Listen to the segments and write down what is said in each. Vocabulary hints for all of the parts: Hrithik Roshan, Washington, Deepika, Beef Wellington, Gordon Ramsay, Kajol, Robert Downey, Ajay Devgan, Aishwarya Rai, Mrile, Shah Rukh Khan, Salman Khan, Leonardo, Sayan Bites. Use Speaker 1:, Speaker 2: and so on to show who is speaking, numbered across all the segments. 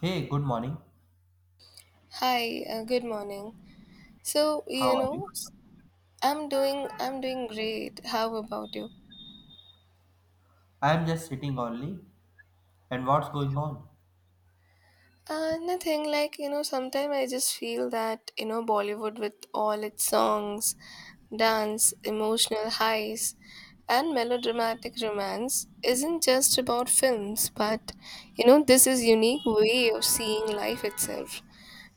Speaker 1: Hey, good morning.
Speaker 2: Hi, good morning. So,
Speaker 1: How are you?
Speaker 2: I'm doing great. How about you?
Speaker 1: I am just sitting only. And what's going on?
Speaker 2: Nothing like. Sometimes I just feel that Bollywood with all its songs, dance, emotional highs, and melodramatic romance isn't just about films, but this is unique way of seeing life itself.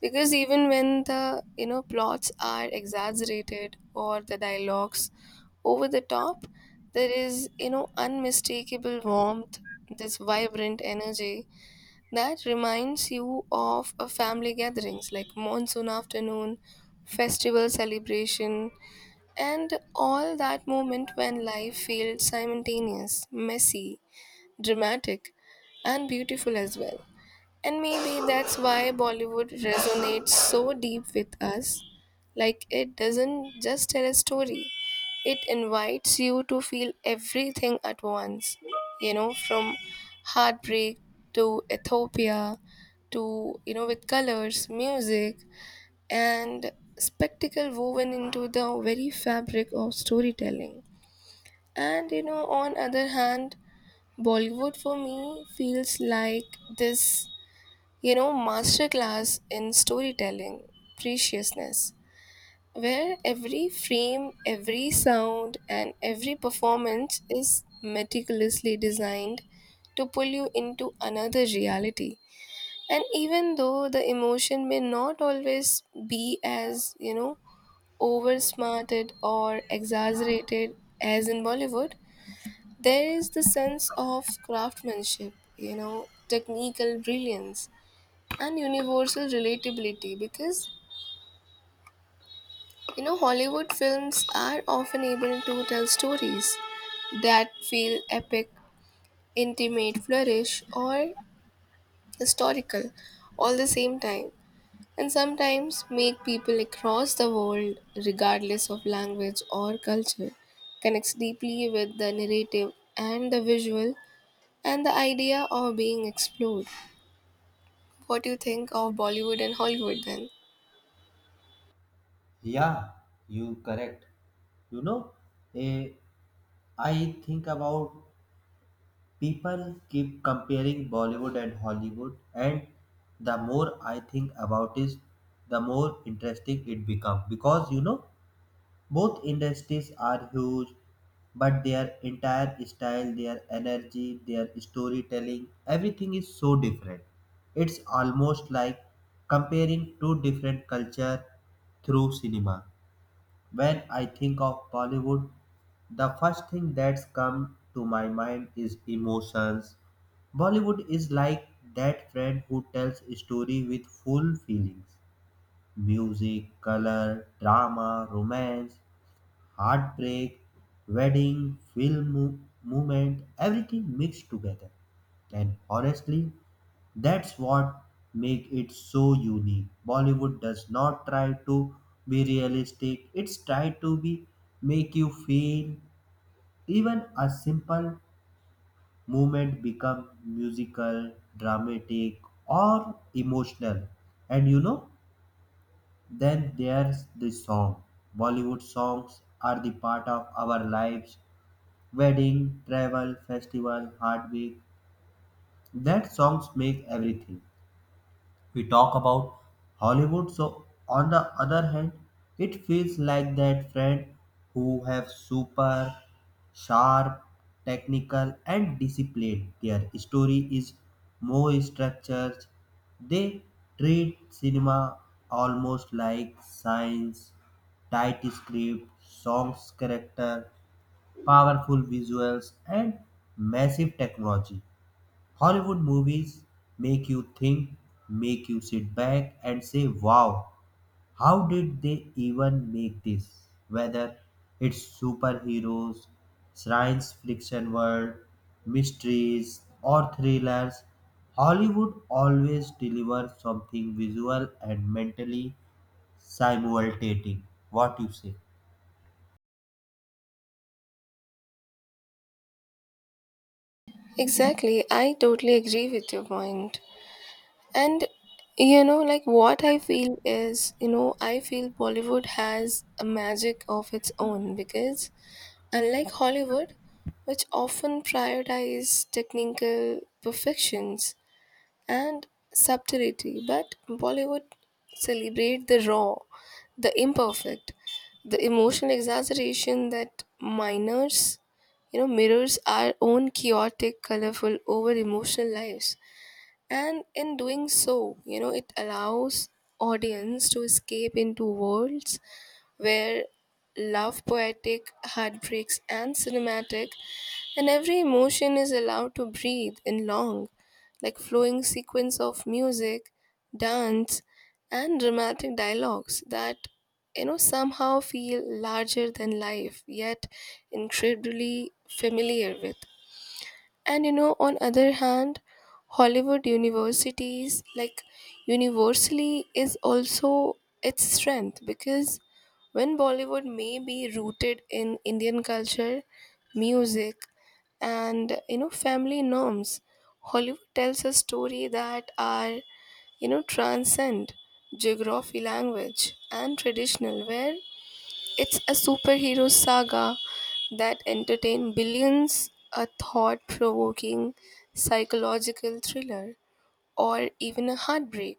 Speaker 2: Because even when the plots are exaggerated or the dialogues over the top, there is unmistakable warmth, this vibrant energy that reminds you of a family gatherings like monsoon afternoon, festival celebration, and all that moment when life feels simultaneous, messy, dramatic, and beautiful as well. And maybe that's why Bollywood resonates so deep with us. Like it doesn't just tell a story, it invites you to feel everything at once. From heartbreak to Ethiopia to, with colors, music, and spectacle woven into the very fabric of storytelling. And, on other hand, Bollywood for me feels like this masterclass in storytelling, preciousness, where every frame, every sound, and every performance is meticulously designed to pull you into another reality. And even though the emotion may not always be as, oversmarted or exaggerated as in Bollywood, there is the sense of craftsmanship, technical brilliance and universal relatability because Hollywood films are often able to tell stories that feel epic, intimate, flourish, or historical all the same time, and sometimes make people across the world, regardless of language or culture, connects deeply with the narrative and the visual and the idea of being explored. What do you think of Bollywood and Hollywood then?
Speaker 1: Yeah, you correct. You know, eh, I think about people keep comparing Bollywood and Hollywood, and the more I think about it, the more interesting it becomes because you know both industries are huge but their entire style, their energy, their storytelling, everything is so different. It's almost like comparing two different culture through cinema. When I think of Bollywood, the first thing that's come to my mind is emotions. Bollywood is like that friend who tells a story with full feelings. Music, color, drama, romance, heartbreak, wedding, movement, everything mixed together. And honestly, that's what make it so unique. Bollywood does not try to be realistic. It's try to be make you feel even a simple movement become musical, dramatic or emotional. And you know, then there's the song. Bollywood songs are the part of our lives. Wedding, travel, festival, heartbreak. That songs make everything. We talk about Hollywood, so on the other hand, it feels like that friend who have super sharp, technical and disciplined. Their story is more structured. They treat cinema almost like science, tight script, songs character powerful visuals, and massive technology. Hollywood movies make you think, make you sit back and say, wow, how did they even make this? Whether it's superheroes, science fiction world, mysteries, or thrillers, Hollywood always delivers something visual and mentally simultaneous. What you say?
Speaker 2: Exactly. I totally agree with your point. And like what I feel is, I feel Bollywood has a magic of its own because unlike Hollywood, which often prioritize technical perfections, and subtlety, but Bollywood celebrate the raw, the imperfect, the emotional exaggeration that minors, mirrors our own chaotic, colorful, over emotional lives. And in doing so, it allows audience to escape into worlds where love poetic, heartbreaks and cinematic, and every emotion is allowed to breathe in long, like flowing sequence of music, dance, and dramatic dialogues that somehow feel larger than life, yet incredibly familiar with. And on other hand, Hollywood universities like universally is also its strength because when Bollywood may be rooted in Indian culture, music, and family norms, Hollywood tells a story that are transcend geography, language, and traditional, where it's a superhero saga that entertained billions, a thought provoking psychological thriller, or even a heartbreak.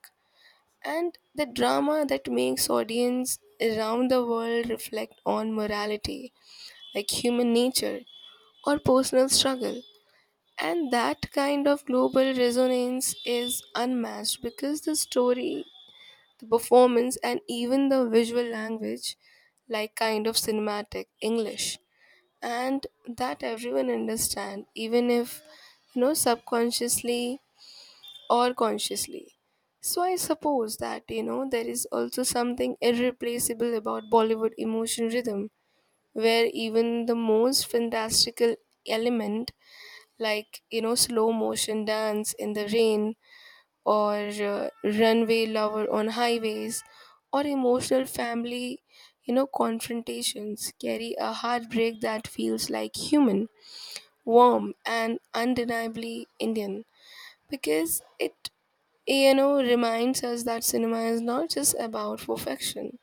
Speaker 2: And the drama that makes audience around the world reflect on morality, like human nature, or personal struggle. And that kind of global resonance is unmatched because the story, the performance, and even the visual language like kind of cinematic English and that everyone understand even if subconsciously or consciously. So I suppose that there is also something irreplaceable about Bollywood emotion rhythm where even the most fantastical element like slow motion dance in the rain or runway lover on highways or emotional family confrontations carry a heartbreak that feels like human warm and undeniably Indian because it reminds us that cinema is not just about perfection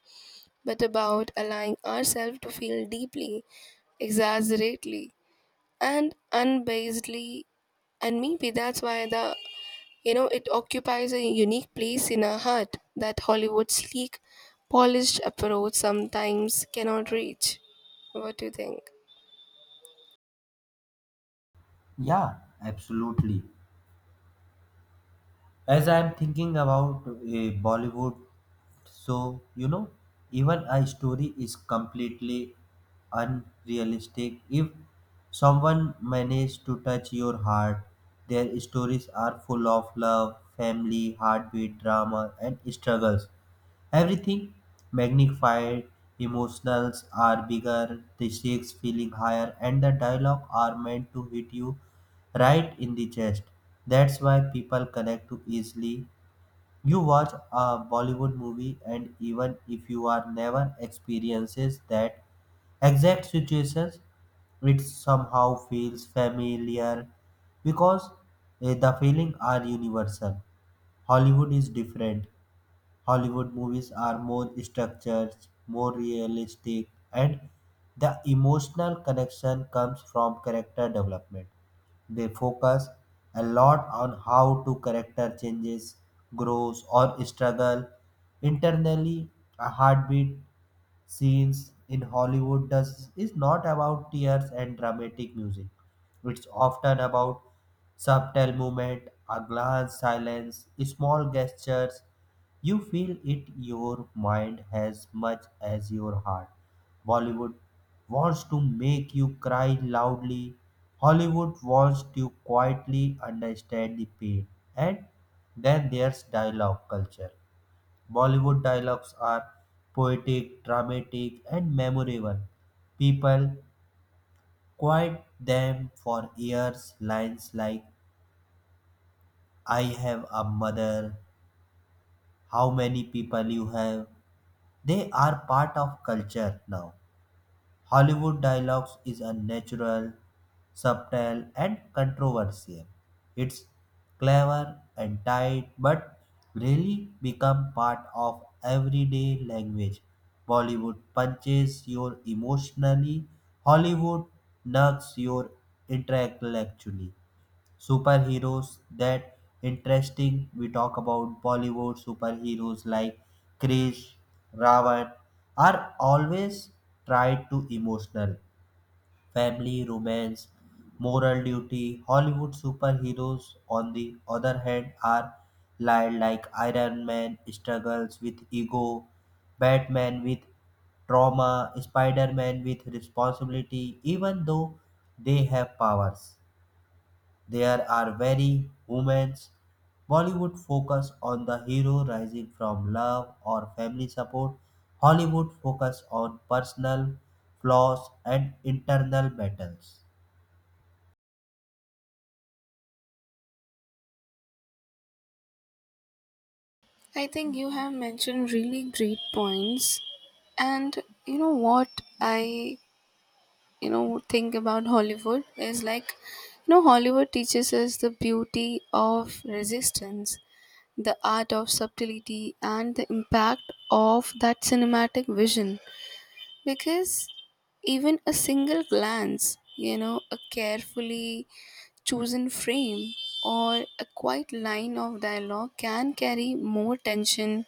Speaker 2: but about allowing ourselves to feel deeply, exaggerately, and unbasedly. And maybe that's why the it occupies a unique place in our heart that Hollywood's sleek, polished approach sometimes cannot reach. What do you think?
Speaker 1: Yeah, absolutely. As I'm thinking about Bollywood, so you know even a story is completely unrealistic if someone managed to touch your heart, their stories are full of love, family, heartbeat, drama and struggles. Everything magnified, emotionals are bigger, the stakes feeling higher, and the dialogue are meant to hit you right in the chest. That's why people connect too easily. You watch a Bollywood movie, and even if you are never experiences that exact situations, it somehow feels familiar because the feeling are universal. Hollywood is different. Hollywood movies are more structured, more realistic, and the emotional connection comes from character development. They focus a lot on how to character changes, grows, or struggle internally. A heartbeat scenes in Hollywood does is not about tears and dramatic music. It's often about subtle movement, a glance, silence, small gestures. You feel it your mind as much as your heart. Bollywood wants to make you cry loudly. Hollywood wants to quietly understand the pain. And then there's dialogue culture. Bollywood dialogues are poetic, dramatic, and memorable. People quote them for years. Lines like, I have a mother, how many people you have, they are part of culture now. Hollywood dialogues is unnatural, subtle, and controversial. It's clever and tight, but really become part of everyday language. Bollywood punches your emotionally, Hollywood nuts your intellectually. Superheroes, that interesting, we talk about Bollywood superheroes like Krish, Ravan are always tried to emotional family romance moral duty. Hollywood superheroes on the other hand are lied like Iron Man struggles with ego, Batman with trauma, Spider-Man with responsibility, even though they have powers there are many women's. Bollywood focus on the hero rising from love or family support. Hollywood focus on personal flaws and internal battles.
Speaker 2: I think you have mentioned really great points. And you know what I, think about Hollywood is like, Hollywood teaches us the beauty of resistance, the art of subtlety, and the impact of that cinematic vision. Because even a single glance, a carefully chosen frame or a quiet line of dialogue can carry more tension,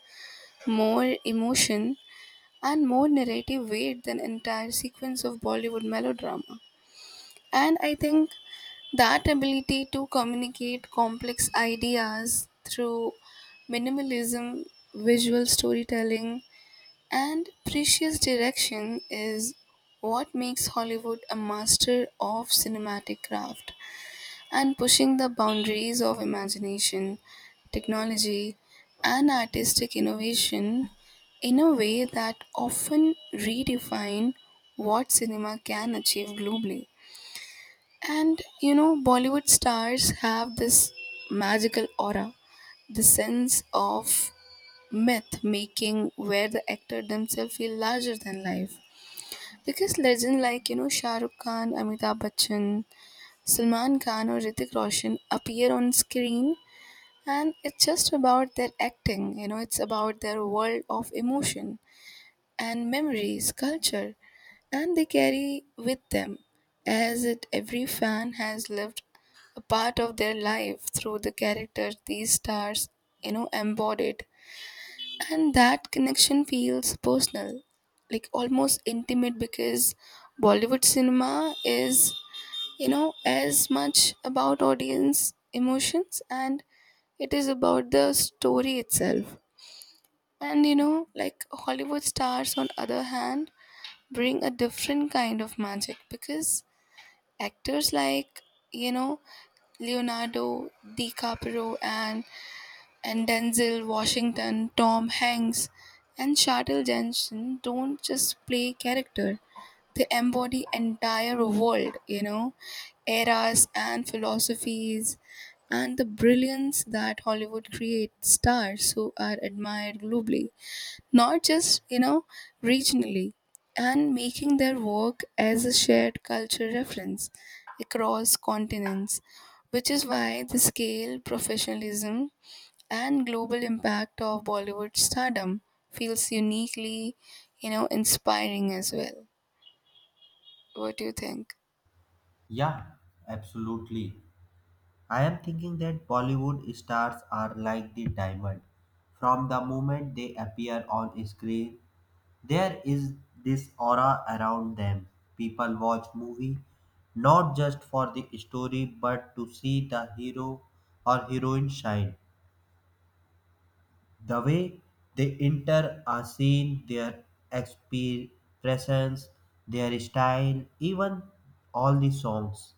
Speaker 2: more emotion, and more narrative weight than entire sequence of Bollywood melodrama. And I think that ability to communicate complex ideas through minimalism, visual storytelling, and precious direction is what makes Hollywood a master of cinematic craft and pushing the boundaries of imagination, technology, and artistic innovation in a way that often redefine what cinema can achieve globally. And Bollywood stars have this magical aura, the sense of myth making where the actor themselves feel larger than life. Because legends like, Shah Rukh Khan, Amitabh Bachchan, Salman Khan or Ritik Roshan appear on screen and it's just about their acting, it's about their world of emotion and memories, culture, and they carry with them as it every fan has lived a part of their life through the characters these stars, embodied. And that connection feels personal, like almost intimate because Bollywood cinema is as much about audience emotions and it is about the story itself. And like Hollywood stars on other hand bring a different kind of magic because actors like you know Leonardo DiCaprio and Denzel Washington, Tom Hanks, and Shartel Jensen don't just play character, they embody entire world, eras and philosophies, and the brilliance that Hollywood creates stars who are admired globally, not just, regionally, and making their work as a shared culture reference across continents, which is why the scale, professionalism, and global impact of Bollywood stardom feels uniquely, inspiring as well. What do you think?
Speaker 1: Yeah, absolutely. I am thinking that Bollywood stars are like the diamond. From the moment they appear on screen, there is this aura around them. People watch movie not just for the story but to see the hero or heroine shine. The way they enter a scene, their expressions, their style, even all the songs.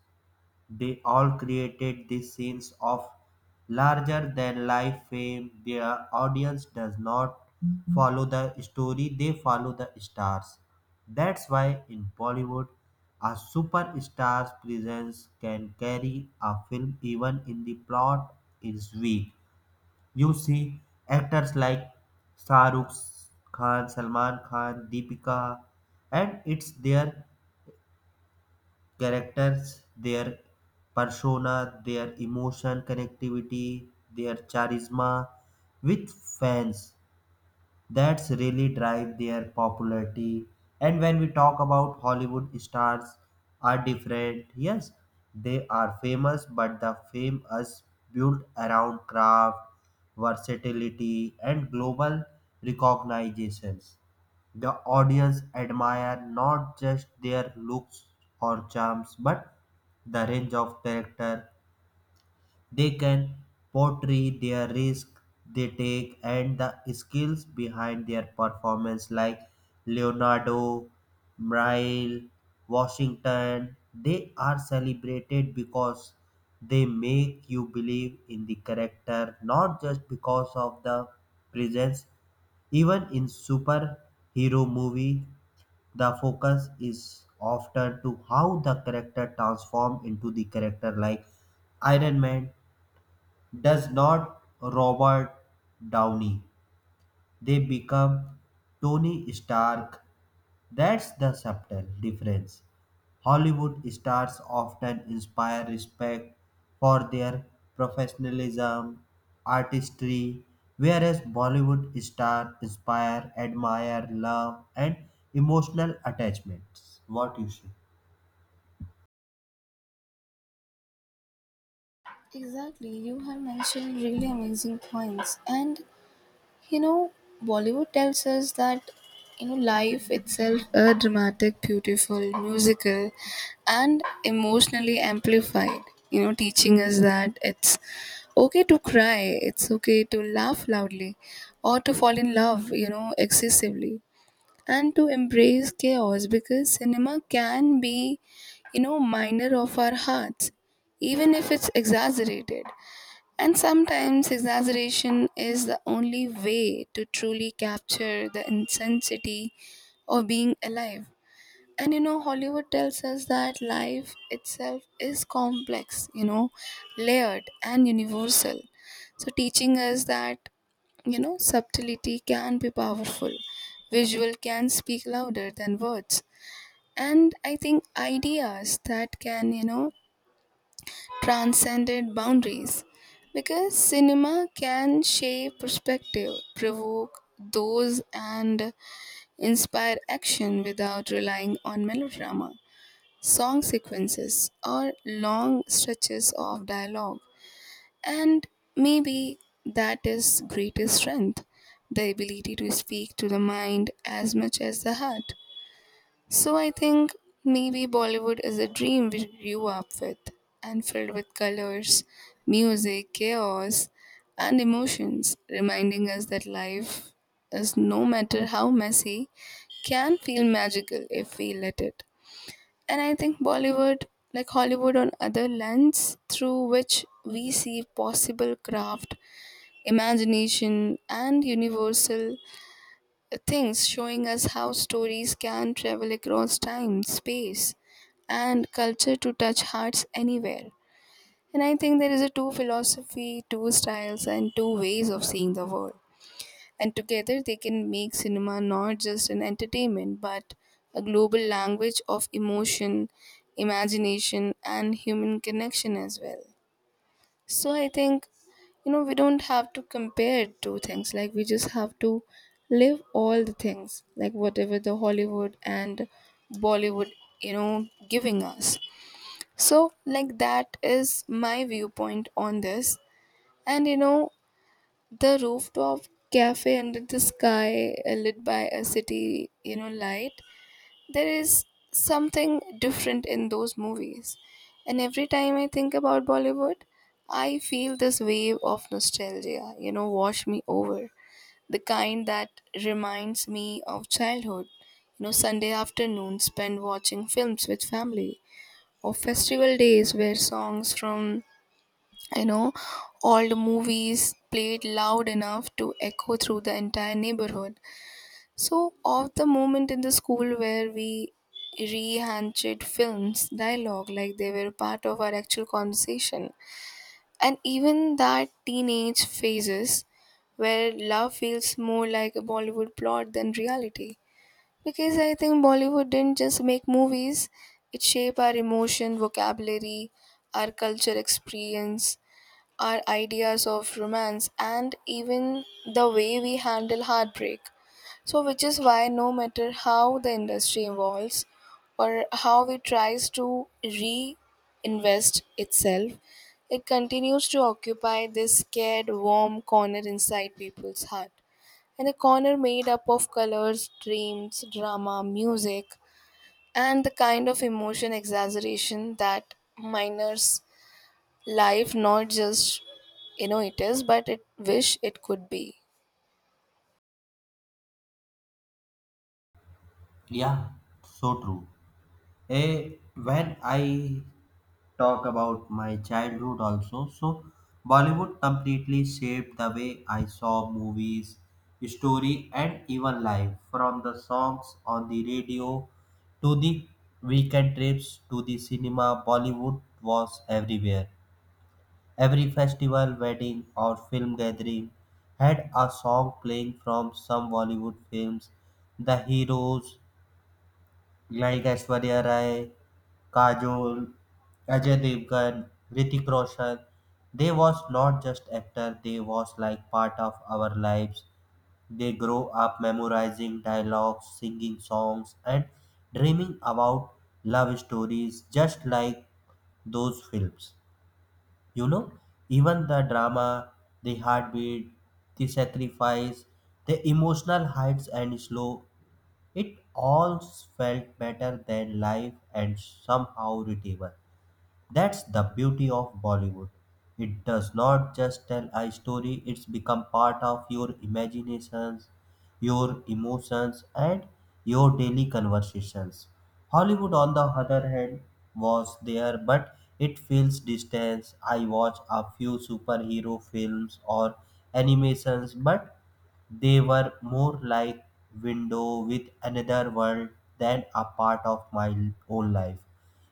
Speaker 1: They all created the scenes of larger-than-life fame; their audience does not follow the story, they follow the stars. That's why in Bollywood, a superstar's presence can carry a film even if the plot is weak. You see actors like Shah Rukh Khan, Salman Khan, Deepika, and it's their characters, their persona, their emotion connectivity, their charisma with fans that's really drive their popularity. And when we talk about Hollywood stars, are different, yes they are famous but the fame is built around craft, versatility and global recognitions. The audience admire not just their looks or charms but the range of character they can portray, their risk they take and the skills behind their performance, like Leonardo, Mrile, Washington. They are celebrated because they make you believe in the character, not just because of the presence. Even in superhero movie, the focus is often to how the character transform into the character like Iron Man does not Robert Downey. They become Tony Stark. That's the subtle difference. Hollywood stars often inspire respect for their professionalism, artistry, whereas Bollywood stars inspire, admire, love, and emotional attachments. What you say?
Speaker 2: Exactly, you have mentioned really amazing points. And you know, Bollywood tells us that life itself a dramatic, beautiful, musical, and emotionally amplified. Teaching us that it's okay to cry, it's okay to laugh loudly, or to fall in love, excessively. And to embrace chaos because cinema can be minor of our hearts even if it's exaggerated. And sometimes exaggeration is the only way to truly capture the intensity of being alive. And Hollywood tells us that life itself is complex, layered and universal. So teaching us that subtlety can be powerful, visual can speak louder than words. And I think ideas that can transcended boundaries because cinema can shape perspective, provoke those, and inspire action without relying on melodrama, song sequences or long stretches of dialogue. And maybe that is greatest strength, the ability to speak to the mind as much as the heart. So I think maybe Bollywood is a dream we grew up with and filled with colors, music, chaos, and emotions, reminding us that life is no matter how messy, can feel magical if we let it. And I think Bollywood, like Hollywood, on other lens through which we see possible craft, imagination, and universal things, showing us how stories can travel across time, space, and culture to touch hearts anywhere. And I think there is a two philosophy, two styles, and two ways of seeing the world. And together they can make cinema not just an entertainment but a global language of emotion, imagination, and human connection as well. So I think, we don't have to compare two things. Like, we just have to live all the things, like whatever the Hollywood and Bollywood, giving us. So, like, that is my viewpoint on this. And, the rooftop cafe under the sky, lit by a city, light. There is something different in those movies. And every time I think about Bollywood, I feel this wave of nostalgia, wash me over. The kind that reminds me of childhood, Sunday afternoons spent watching films with family, or festival days where songs from you know, old movies played loud enough to echo through the entire neighborhood. So, of the moment in the school where we rehanched films, dialogue like they were part of our actual conversation, and even that teenage phases where love feels more like a Bollywood plot than reality. Because I think Bollywood didn't just make movies, it shaped our emotion, vocabulary, our culture experience our ideas of romance and even the way we handle heartbreak. So, which is why no matter how the industry evolves or how it tries to reinvest itself, it continues to occupy this scared, warm corner inside people's heart. And a corner made up of colors, dreams, drama, music, and the kind of emotion exaggeration that minors life not just it is but it wish it could be.
Speaker 1: Yeah, so true. Eh, when I talk about my childhood also. So, Bollywood completely shaped the way I saw movies, story, and even life. From the songs on the radio to the weekend trips to the cinema, Bollywood was everywhere. Every festival, wedding, or film gathering had a song playing from some Bollywood films. The heroes like Aishwarya Rai, Kajol, Ajay Devgan, Hrithik Roshan. They was not just actor, they was like part of our lives. They grow up memorizing dialogues, singing songs and dreaming about love stories just like those films. You know, even the drama, the heartbeat, the sacrifice, the emotional heights and slow, it all felt better than life and somehow readable. That's the beauty of Bollywood. It does not just tell a story, it's become part of your imaginations, your emotions, and your daily conversations. Hollywood, on the other hand, was there, but it feels distance. I watch a few superhero films or animations, but they were more like window with another world than a part of my own life.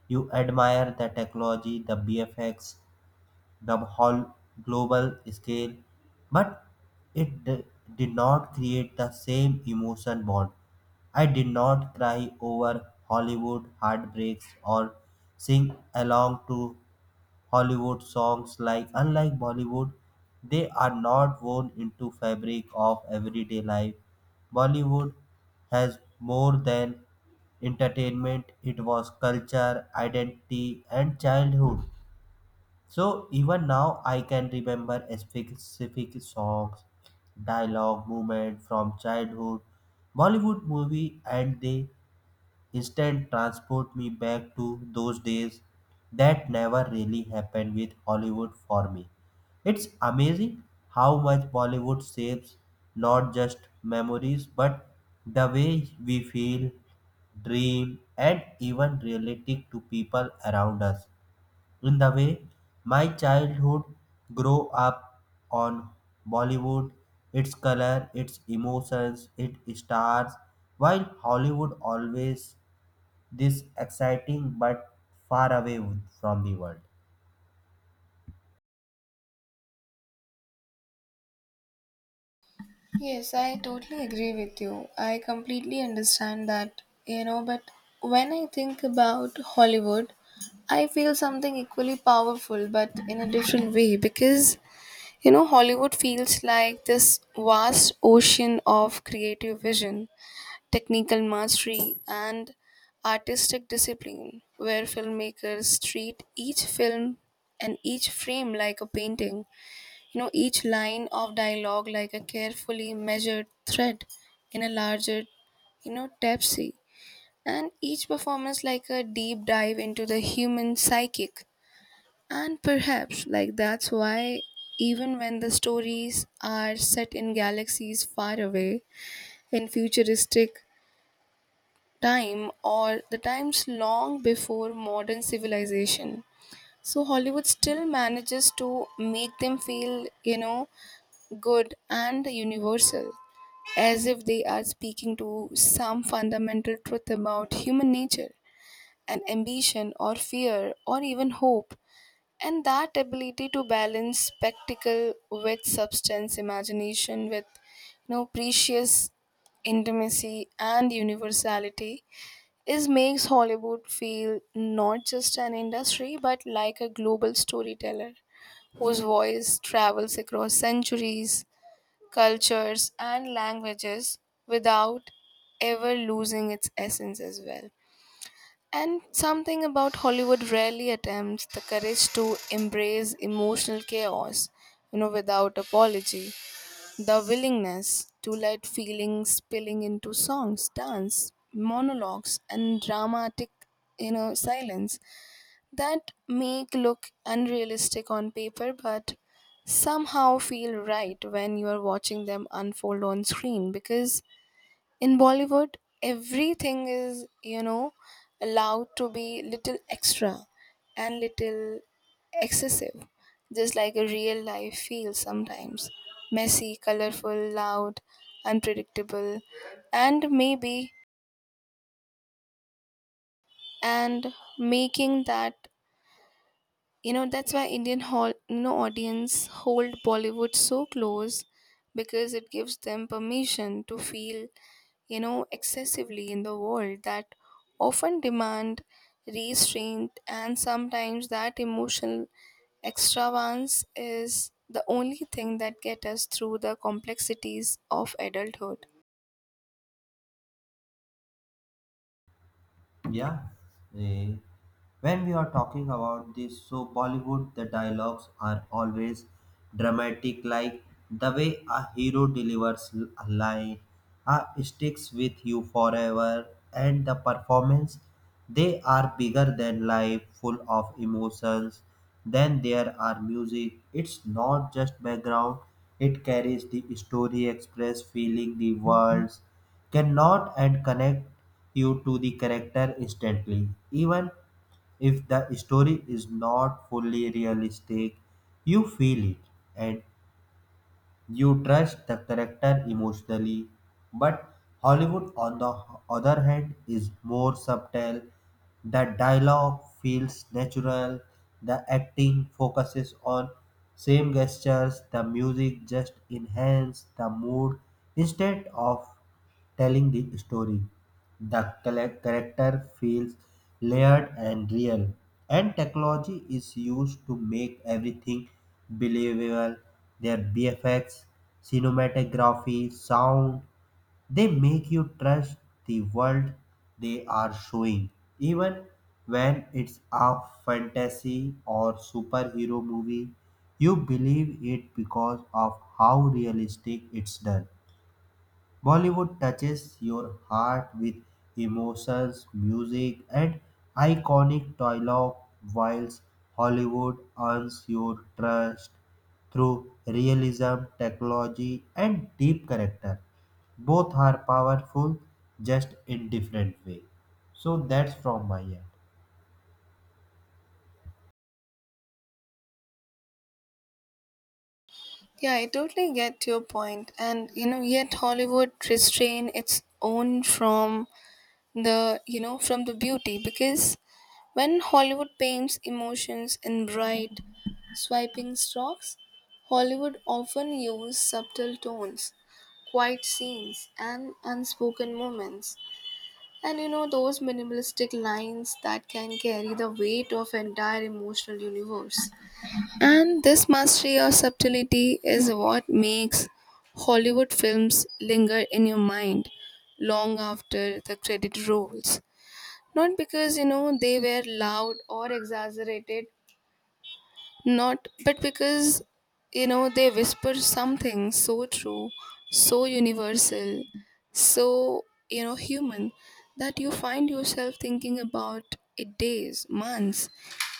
Speaker 1: You admire the technology, the BFX, the whole global scale, but it d- did not create the same emotion bond. I did not cry over Hollywood heartbreaks or sing along to Hollywood songs like unlike Bollywood, they are not woven into fabric of everyday life. Bollywood has more than entertainment, it was culture, identity and childhood. So even now I can remember a specific songs, dialogue, movement from childhood Bollywood movie and they instant transport me back to those days that never really happened with Hollywood for me. It's amazing how much Bollywood shapes not just memories but the way we feel, dream, and even relate to people around us. In the way my childhood grew up on Bollywood, its color, its emotions, its stars, while Hollywood always this exciting but far away from the world.
Speaker 2: Yes, I totally agree with you. I completely understand that, but when I think about Hollywood, I feel something equally powerful but in a different way because, Hollywood feels like this vast ocean of creative vision, technical mastery, and artistic discipline, where filmmakers treat each film and each frame like a painting, each line of dialogue like a carefully measured thread in a larger, tapestry, and each performance like a deep dive into the human psychic. And perhaps, like, that's why even when the stories are set in galaxies far away, in futuristic time or the times long before modern civilization. So Hollywood still manages to make them feel, good and universal, as if they are speaking to some fundamental truth about human nature and ambition or fear or even hope. And that ability to balance spectacle with substance, imagination with, precious intimacy and universality it makes Hollywood feel not just an industry but like a global storyteller whose voice travels across centuries, cultures, and languages without ever losing its essence as well. And something about Hollywood rarely attempts the courage to embrace emotional chaos, without apology. The willingness to let feelings spilling into songs, dance, monologues, and dramatic, silence that make look unrealistic on paper, but somehow feel right when you are watching them unfold on screen because in Bollywood everything is allowed to be little extra and little excessive, just like a real life feels sometimes messy, colorful, loud, unpredictable. And maybe and making that. That's why Indian hall, audience hold Bollywood so close because it gives them permission to feel, excessively in the world that often demand restraint and sometimes that emotional extravagance is the only thing that get us through the complexities of adulthood.
Speaker 1: Yeah. eh, When we are talking about this, so Bollywood, the dialogues are always dramatic, like the way a hero delivers a line sticks with you forever, and the performance they are bigger than life, full of emotions. Then there are music. It's not just background; it carries the story, express feeling, the words cannot, and connect you to the character instantly. Even if the story is not fully realistic, you feel it and you trust the character emotionally. But Hollywood, on the other hand, is more subtle. The dialogue feels natural, the acting focuses on same gestures, the music just enhances the mood instead of telling the story. The character feels layered and real, and technology is used to make everything believable. Their BFX, cinematography, sound, they make you trust the world they are showing, even when it's a fantasy or superhero movie. You believe it because of how realistic it's done. Bollywood touches your heart with emotions, music, and iconic dialogue, whilst Hollywood earns your trust through realism, technology, and deep character. Both are powerful, just in different way. So that's from my end.
Speaker 2: Yeah, I totally get your point. And yet Hollywood restrain its own from the beauty because when Hollywood paints emotions in bright swiping strokes, Hollywood often uses subtle tones, quiet scenes and unspoken moments. And those minimalistic lines that can carry the weight of entire emotional universe and this mastery of subtlety is what makes Hollywood films linger in your mind long after the credit rolls, not because, they were loud or exaggerated, not, but because, they whisper something so true, so universal, so, human that you find yourself thinking about it days, months,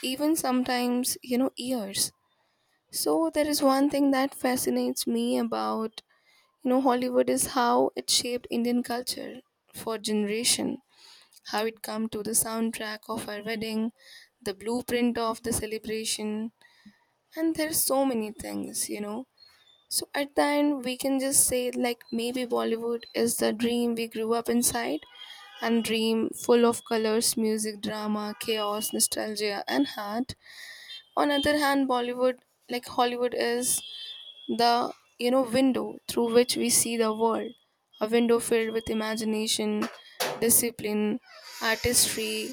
Speaker 2: even sometimes, years. So there is one thing that fascinates me about, Hollywood is how it shaped Indian culture for generation, how it come to the soundtrack of our wedding, the blueprint of the celebration, and there's so many things. So at the end, we can just say like maybe Bollywood is the dream we grew up inside, and dream full of colors, music, drama, chaos, nostalgia, and heart. On other hand, Bollywood, like Hollywood, is the window through which we see the world, a window filled with imagination, discipline, artistry,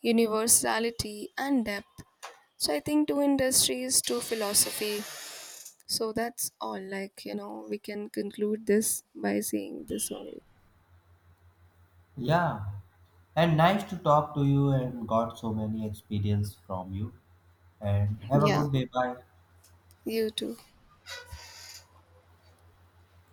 Speaker 2: universality and depth. So I think two industries, two philosophy. So that's all, like we can conclude this by saying this only.
Speaker 1: Yeah, and nice to talk to you and got so many experience from you. And have a
Speaker 2: Yeah,
Speaker 1: good day. Bye.
Speaker 2: you too.